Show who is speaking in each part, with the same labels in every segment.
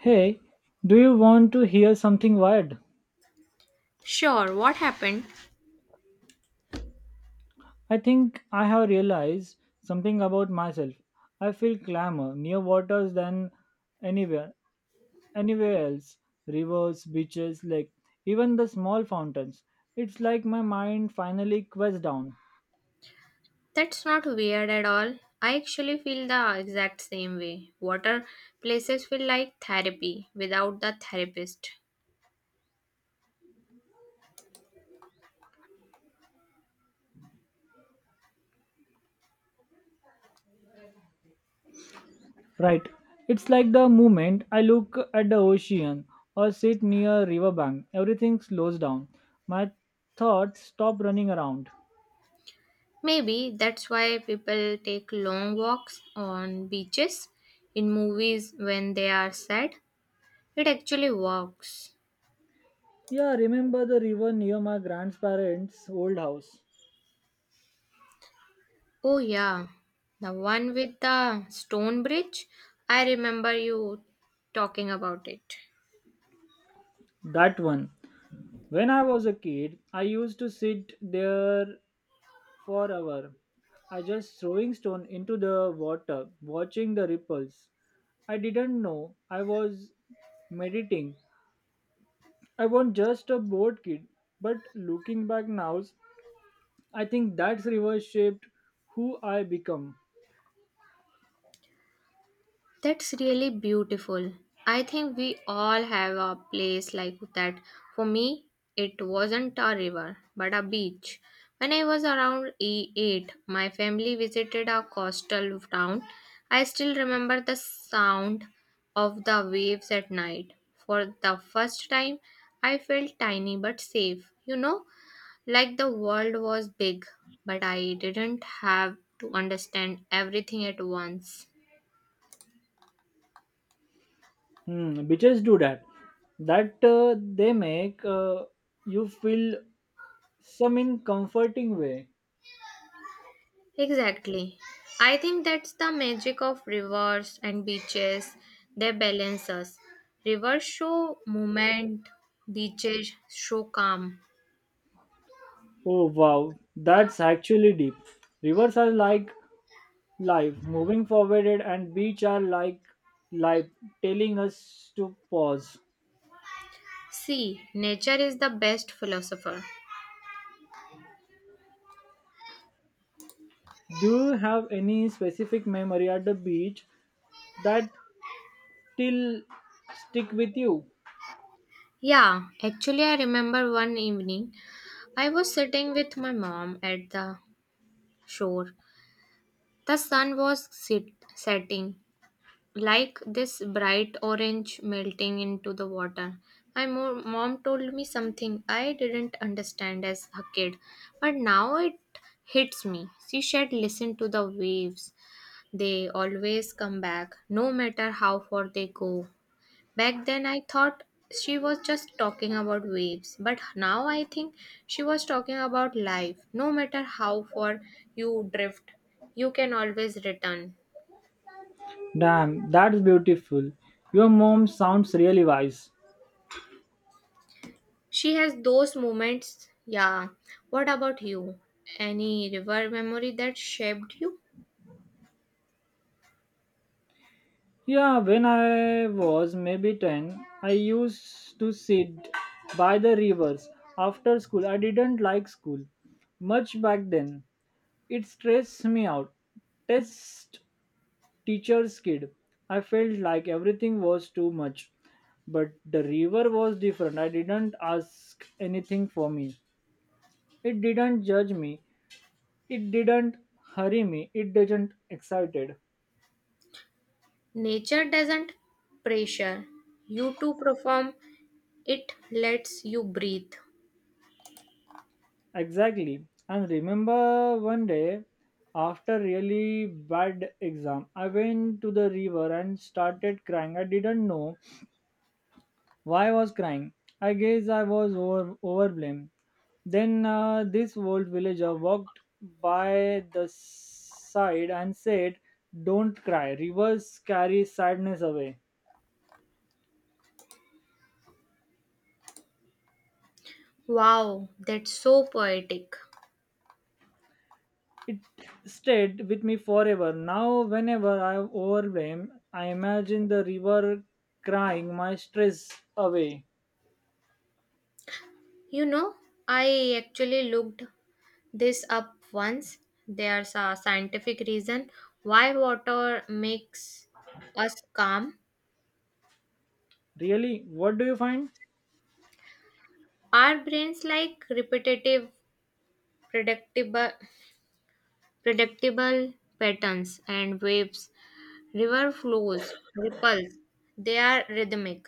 Speaker 1: Hey, do you want to hear something weird?
Speaker 2: Sure, what happened?
Speaker 1: I think I have realized something about myself. I feel clamor near waters than anywhere anywhere else. Rivers, beaches, lake, even the small fountains. It's like my mind finally quets down.
Speaker 2: That's not weird at all. I actually feel the exact same way. Water places feel like therapy without the therapist.
Speaker 1: Right. It's like the moment I look at the ocean or sit near a riverbank, everything slows down. My thoughts stop running around.
Speaker 2: Maybe that's why people take long walks on beaches in movies when they are sad. It actually works.
Speaker 1: Yeah, remember the river near my grandparents' old house.
Speaker 2: Oh, yeah, the one with the stone bridge. I remember you talking about it.
Speaker 1: That one. When I was a kid, I used to sit there for hour. I just throwing stone into the water, watching the ripples. I didn't know I was meditating. I was just a bored kid, but looking back now, I think that river shaped who I become.
Speaker 2: That's really beautiful. I think we all have a place like that. For me, it wasn't a river, but a beach. When I was around 8, my family visited a coastal town. I still remember the sound of the waves at night. For the first time, I felt tiny but safe. You know, like the world was big, but I didn't have to understand everything at once.
Speaker 1: Hmm, bitches do that. That they make you feel some in comforting way.
Speaker 2: Exactly. I think that's the magic of rivers and beaches. They balance us. Rivers show movement, beaches show calm.
Speaker 1: Oh wow, that's actually deep. Rivers are like life moving forward and beach are like life telling us to pause.
Speaker 2: See, nature is the best philosopher.
Speaker 1: Do you have any specific memory at the beach that still stick with you?
Speaker 2: Yeah, actually, I remember one evening I was sitting with my mom at the shore. The sun was setting, like this bright orange melting into the water. My mom told me something I didn't understand as a kid, but now it hits me. She said, Listen to the waves, they always come back, no matter how far they go. Back then, I thought she was just talking about waves, but now I think she was talking about life. No matter how far you drift, you can always return.
Speaker 1: Damn, that's beautiful. Your mom sounds really wise.
Speaker 2: She has those moments. Yeah. What about you? Any river memory that shaped you?
Speaker 1: Yeah, when I was maybe 10, I used to sit by the rivers after school. I didn't like school much back then. It stressed me out. Test teacher's kid. I felt like everything was too much. But the river was different. I didn't ask anything for me. It didn't judge me. It didn't hurry me. It didn't excited.
Speaker 2: Nature doesn't pressure you to perform, it lets you breathe.
Speaker 1: Exactly. And remember one day after really bad exam, I went to the river and started crying. I didn't know why I was crying. I guess I was over, overblamed. Then this old villager walked by the side and said, "Don't cry. Rivers carry sadness away."
Speaker 2: Wow, that's so poetic.
Speaker 1: It stayed with me forever. Now, whenever I'm overwhelmed, I imagine the river crying my stress away.
Speaker 2: You know, I actually looked this up once. There's a scientific reason why water makes us calm.
Speaker 1: Really? What do you find?
Speaker 2: Our brains like repetitive, predictable predictable patterns and waves, river flows, ripples. They are rhythmic.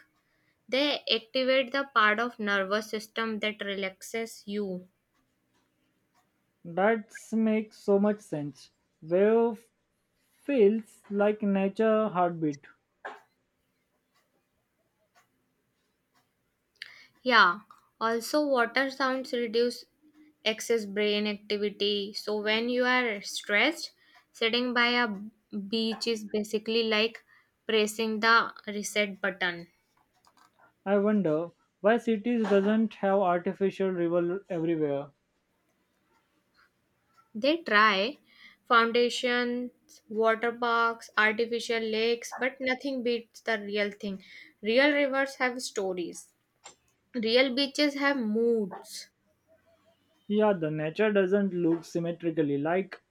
Speaker 2: They activate the part of nervous system that relaxes you.
Speaker 1: That makes so much sense. Wave feels like nature heartbeat.
Speaker 2: Yeah, also water sounds reduce excess brain activity. So when you are stressed, sitting by a beach is basically like pressing the reset button.
Speaker 1: I wonder why cities doesn't have artificial river everywhere.
Speaker 2: They try foundations, water parks, artificial lakes, but nothing beats the real thing. Real rivers have stories. Real beaches have moods.
Speaker 1: Yeah, the nature doesn't look symmetrically like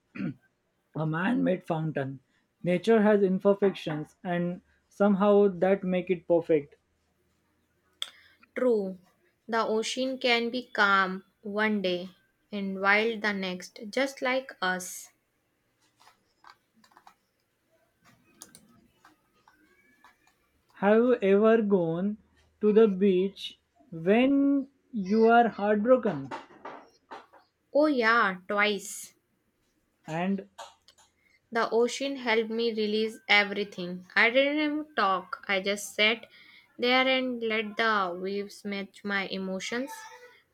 Speaker 1: a man-made fountain. Nature has imperfections and somehow that make it perfect.
Speaker 2: True, the ocean can be calm one day and wild the next, just like us.
Speaker 1: Have you ever gone to the beach when you are heartbroken?
Speaker 2: Oh, yeah, twice.
Speaker 1: And
Speaker 2: The ocean helped me release everything. I didn't even talk, I just sat there and let the waves match my emotions.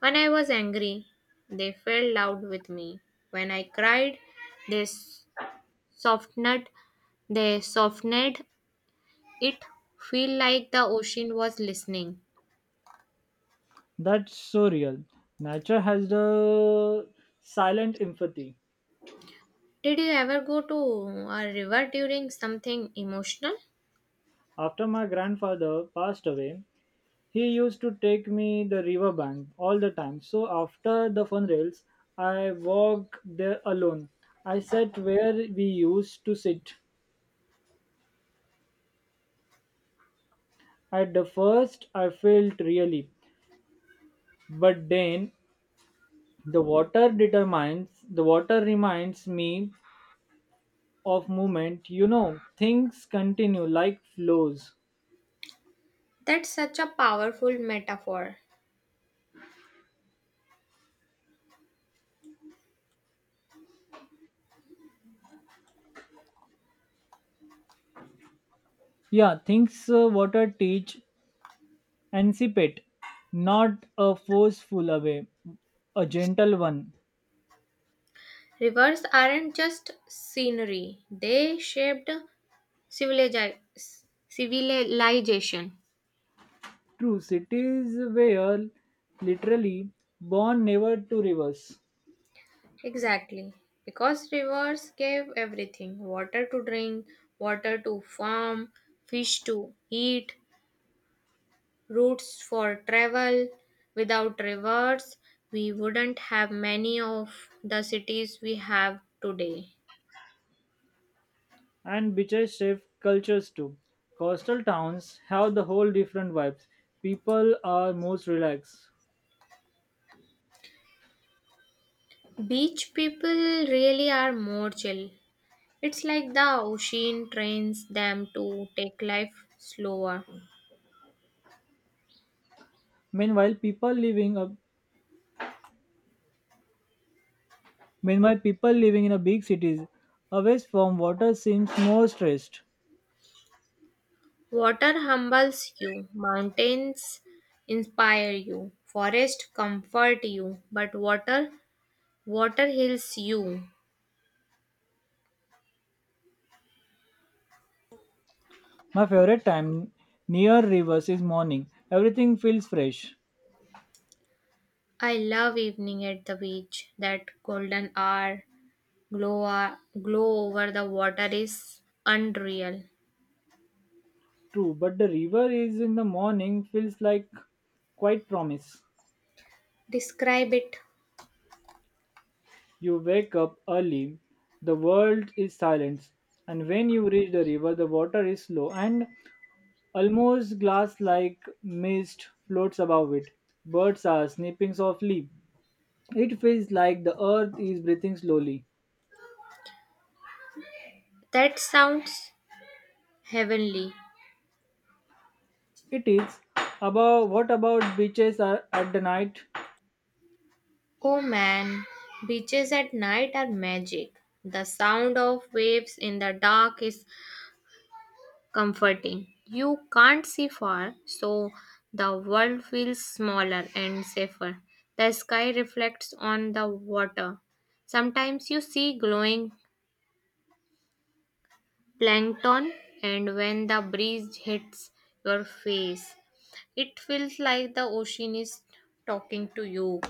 Speaker 2: When I was angry, they felt loud with me. When I cried, they s- softened. They softened it. Feel like the ocean was listening.
Speaker 1: that's so real. Nature has the silent empathy.
Speaker 2: Did you ever go to a river during something emotional?
Speaker 1: After my grandfather passed away, he used to take me the river bank all the time. So after the funerals, I walk there alone. I sat where we used to sit. At the first, I felt really, but then the water determines the water reminds me of movement. You know, things continue like flows.
Speaker 2: That's such a powerful metaphor.
Speaker 1: Yeah, things water teach anticipate, not a forceful away, a gentle one.
Speaker 2: Rivers aren't just scenery, they shaped civiliza- civilization.
Speaker 1: True, cities were literally born never to rivers,
Speaker 2: Exactly. Because rivers gave everything water to drink, water to farm, fish to eat, routes for travel. Without rivers, we wouldn't have many of the cities we have today.
Speaker 1: and beaches shape cultures too. Coastal towns have the whole different vibes. People are most relaxed.
Speaker 2: Beach people really are more chill. It's like the ocean trains them to take life slower.
Speaker 1: Meanwhile, people living up Meanwhile, people living in a big cities away from water seems more stressed.
Speaker 2: Water humbles you, mountains inspire you, forest comfort you, but water heals you.
Speaker 1: My favorite time near rivers is morning. Everything feels fresh.
Speaker 2: I love evening at the beach. That golden hour glow over the water is unreal.
Speaker 1: True, but the river is in the morning feels like quite promise.
Speaker 2: Describe it.
Speaker 1: You wake up early, the world is silence, and when you reach the river, the water is slow and almost glass-like mist floats above it. Birds are snipping softly. It feels like the earth is breathing slowly.
Speaker 2: That sounds heavenly.
Speaker 1: It is. About what about beaches are at the night?
Speaker 2: Oh man, beaches at night are magic. The sound of waves in the dark is comforting. You can't see far, so the world feels smaller and safer. The sky reflects on the water. Sometimes you see glowing plankton, and when the breeze hits your face, it feels like the ocean is talking to you.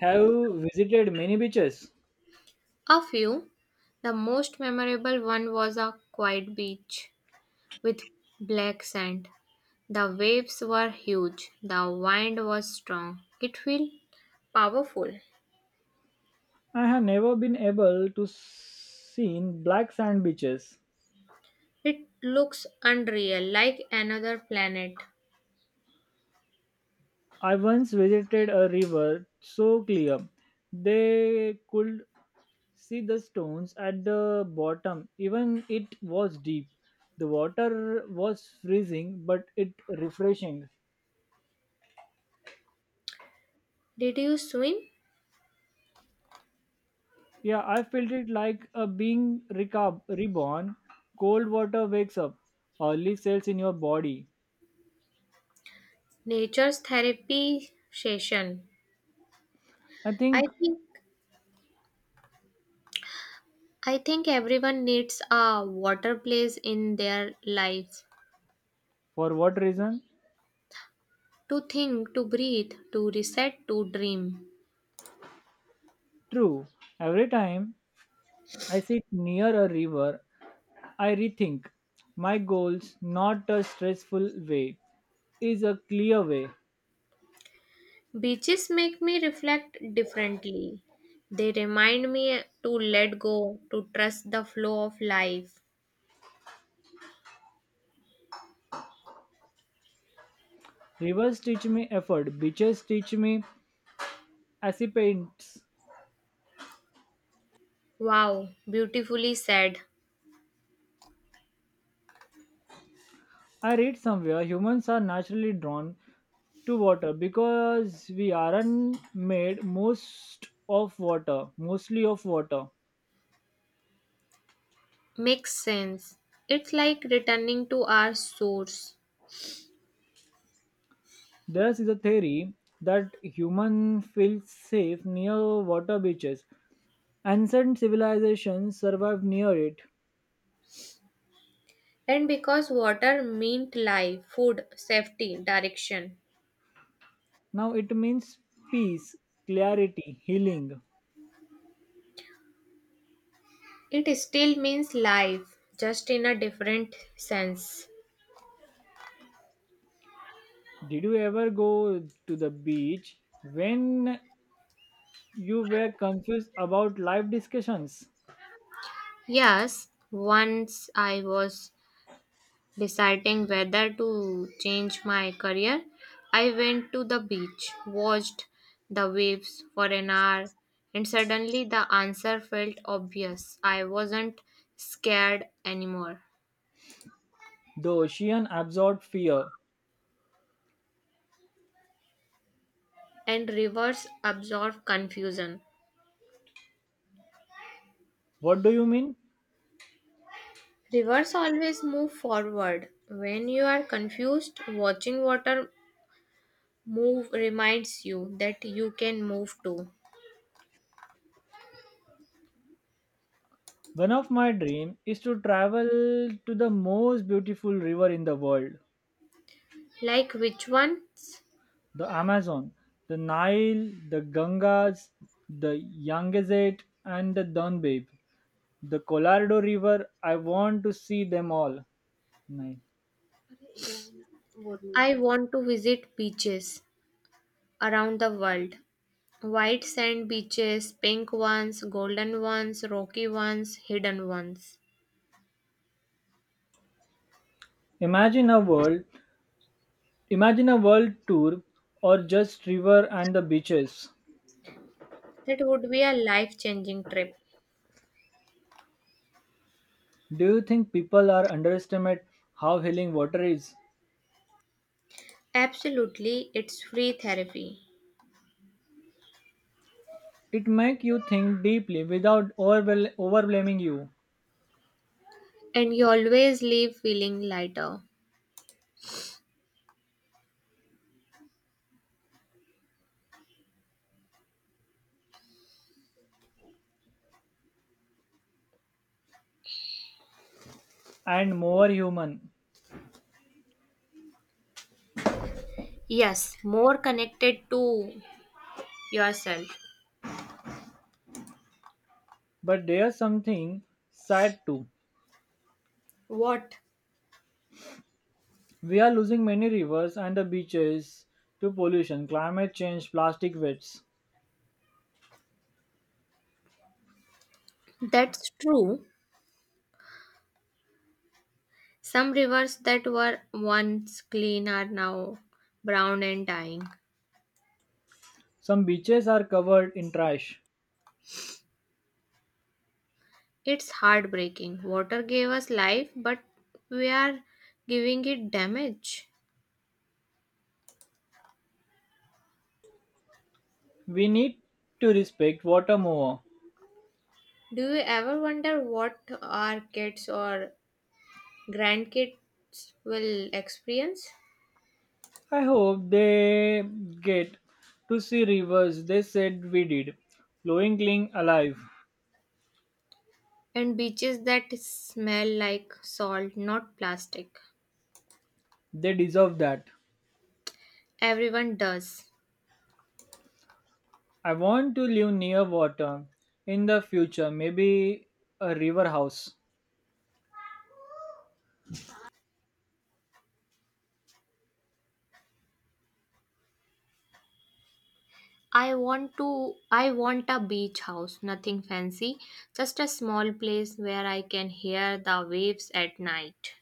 Speaker 1: Have you visited many beaches?
Speaker 2: A few. The most memorable one was a quiet beach with black sand. The waves were huge. The wind was strong. It felt powerful.
Speaker 1: I have never been able to see black sand beaches.
Speaker 2: It looks unreal, like another planet.
Speaker 1: I once visited a river so clear they could see the stones at the bottom. Even it was deep. The water was freezing but it refreshing.
Speaker 2: Did you swim?
Speaker 1: Yeah, I felt it like a being reborn. Cold water wakes up early cells in your body.
Speaker 2: Nature's therapy session.
Speaker 1: I
Speaker 2: I
Speaker 1: think
Speaker 2: think I think everyone needs a water place in their life
Speaker 1: for what reason?
Speaker 2: to think, to breathe, to reset, to dream.
Speaker 1: True. Every time I sit near a river, I rethink my goals, not a stressful way, is a clear way.
Speaker 2: Beaches make me reflect differently. They remind me to let go, to trust the flow of life.
Speaker 1: Rivers teach me effort, beaches teach me acceptance.
Speaker 2: Wow, beautifully said.
Speaker 1: I read somewhere humans are naturally drawn to water because we aren't made most of water mostly of water
Speaker 2: Makes sense. It's like returning to our source.
Speaker 1: there is a theory that human feel safe near water beaches ancient civilizations survived near it
Speaker 2: And because water meant life, food, safety, direction,
Speaker 1: now it means peace clarity healing
Speaker 2: it still means life, just in a different sense.
Speaker 1: did you ever go to the beach when you were confused about life discussions
Speaker 2: Yes, once I was deciding whether to change my career, I went to the beach, watched the waves for an hour, and suddenly the answer felt obvious. I wasn't scared anymore.
Speaker 1: the ocean absorbed fear
Speaker 2: And rivers absorb confusion.
Speaker 1: what do you mean
Speaker 2: Rivers always move forward. When you are confused, watching water move reminds you that you can move too.
Speaker 1: one of my dream is to travel to the most beautiful river in the world,
Speaker 2: Like which ones?
Speaker 1: the Amazon, the Nile, the Gangas, the Yangtze and the Danube, the Colorado River. I want to see them all. Nine.
Speaker 2: I want to visit beaches around the world. White sand beaches, pink ones, golden ones, rocky ones, hidden ones.
Speaker 1: Imagine a world, imagine a world tour or just river and the beaches.
Speaker 2: That would be a life changing trip.
Speaker 1: Do you think people are underestimate how healing water is?
Speaker 2: Absolutely, it's free therapy.
Speaker 1: It make you think deeply without overwhelming you.
Speaker 2: And you always leave feeling lighter.
Speaker 1: And more human.
Speaker 2: Yes, more connected to yourself.
Speaker 1: But there's something sad too.
Speaker 2: What?
Speaker 1: We are losing many rivers and the beaches to pollution, climate change, plastic waste.
Speaker 2: That's true. Some rivers that were once clean are now brown and dying.
Speaker 1: Some beaches are covered in trash.
Speaker 2: It's heartbreaking. Water gave us life, but we are giving it damage.
Speaker 1: We need to respect water more.
Speaker 2: Do you ever wonder what our kids or grandkids will experience?
Speaker 1: I hope they get to see rivers they said we did, flowing clean alive.
Speaker 2: And beaches that smell like salt, not plastic.
Speaker 1: They deserve that.
Speaker 2: Everyone does.
Speaker 1: I want to live near water in the future, maybe a river house.
Speaker 2: I want a beach house, nothing fancy, just a small place where I can hear the waves at night.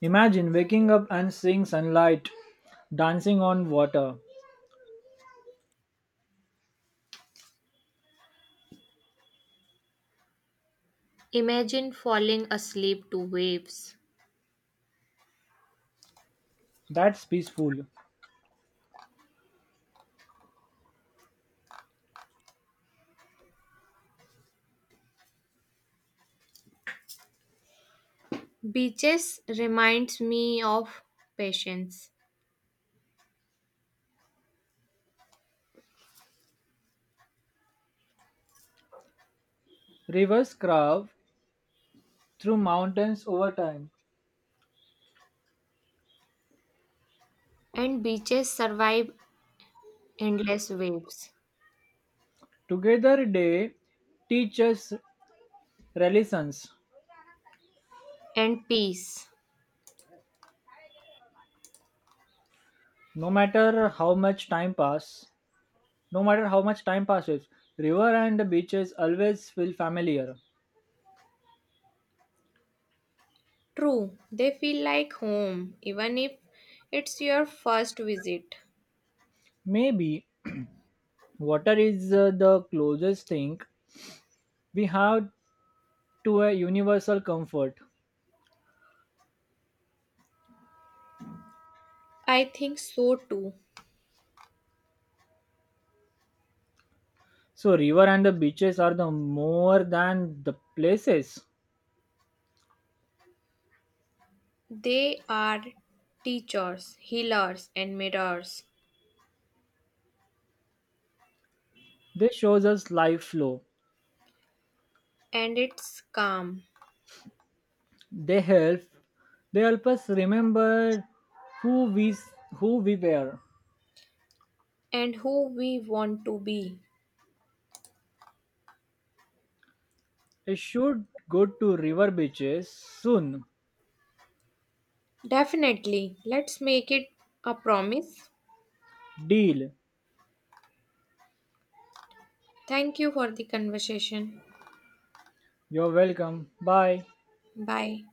Speaker 1: Imagine waking up and seeing sunlight dancing on water.
Speaker 2: Imagine falling asleep to waves.
Speaker 1: That's peaceful.
Speaker 2: Beaches reminds me of patience,
Speaker 1: Rivers carve through mountains over time.
Speaker 2: and beaches survive endless waves
Speaker 1: Together they teach us relations.
Speaker 2: and peace.
Speaker 1: No matter how much time pass, no matter how much time passes, river and the beaches always feel familiar.
Speaker 2: True, they feel like home, even if it's your first visit.
Speaker 1: Maybe water is the closest thing we have to a universal comfort.
Speaker 2: I think so too.
Speaker 1: So river and the beaches are the more than the places.
Speaker 2: They are teachers, healers, and mirrors,
Speaker 1: They shows us life flow.
Speaker 2: and it's calm
Speaker 1: They help they help us remember who we who we were.
Speaker 2: and who we want to be.
Speaker 1: I should go to river beaches soon.
Speaker 2: Definitely, let's make it a promise.
Speaker 1: Deal.
Speaker 2: Thank you for the conversation.
Speaker 1: You're welcome. Bye.
Speaker 2: Bye.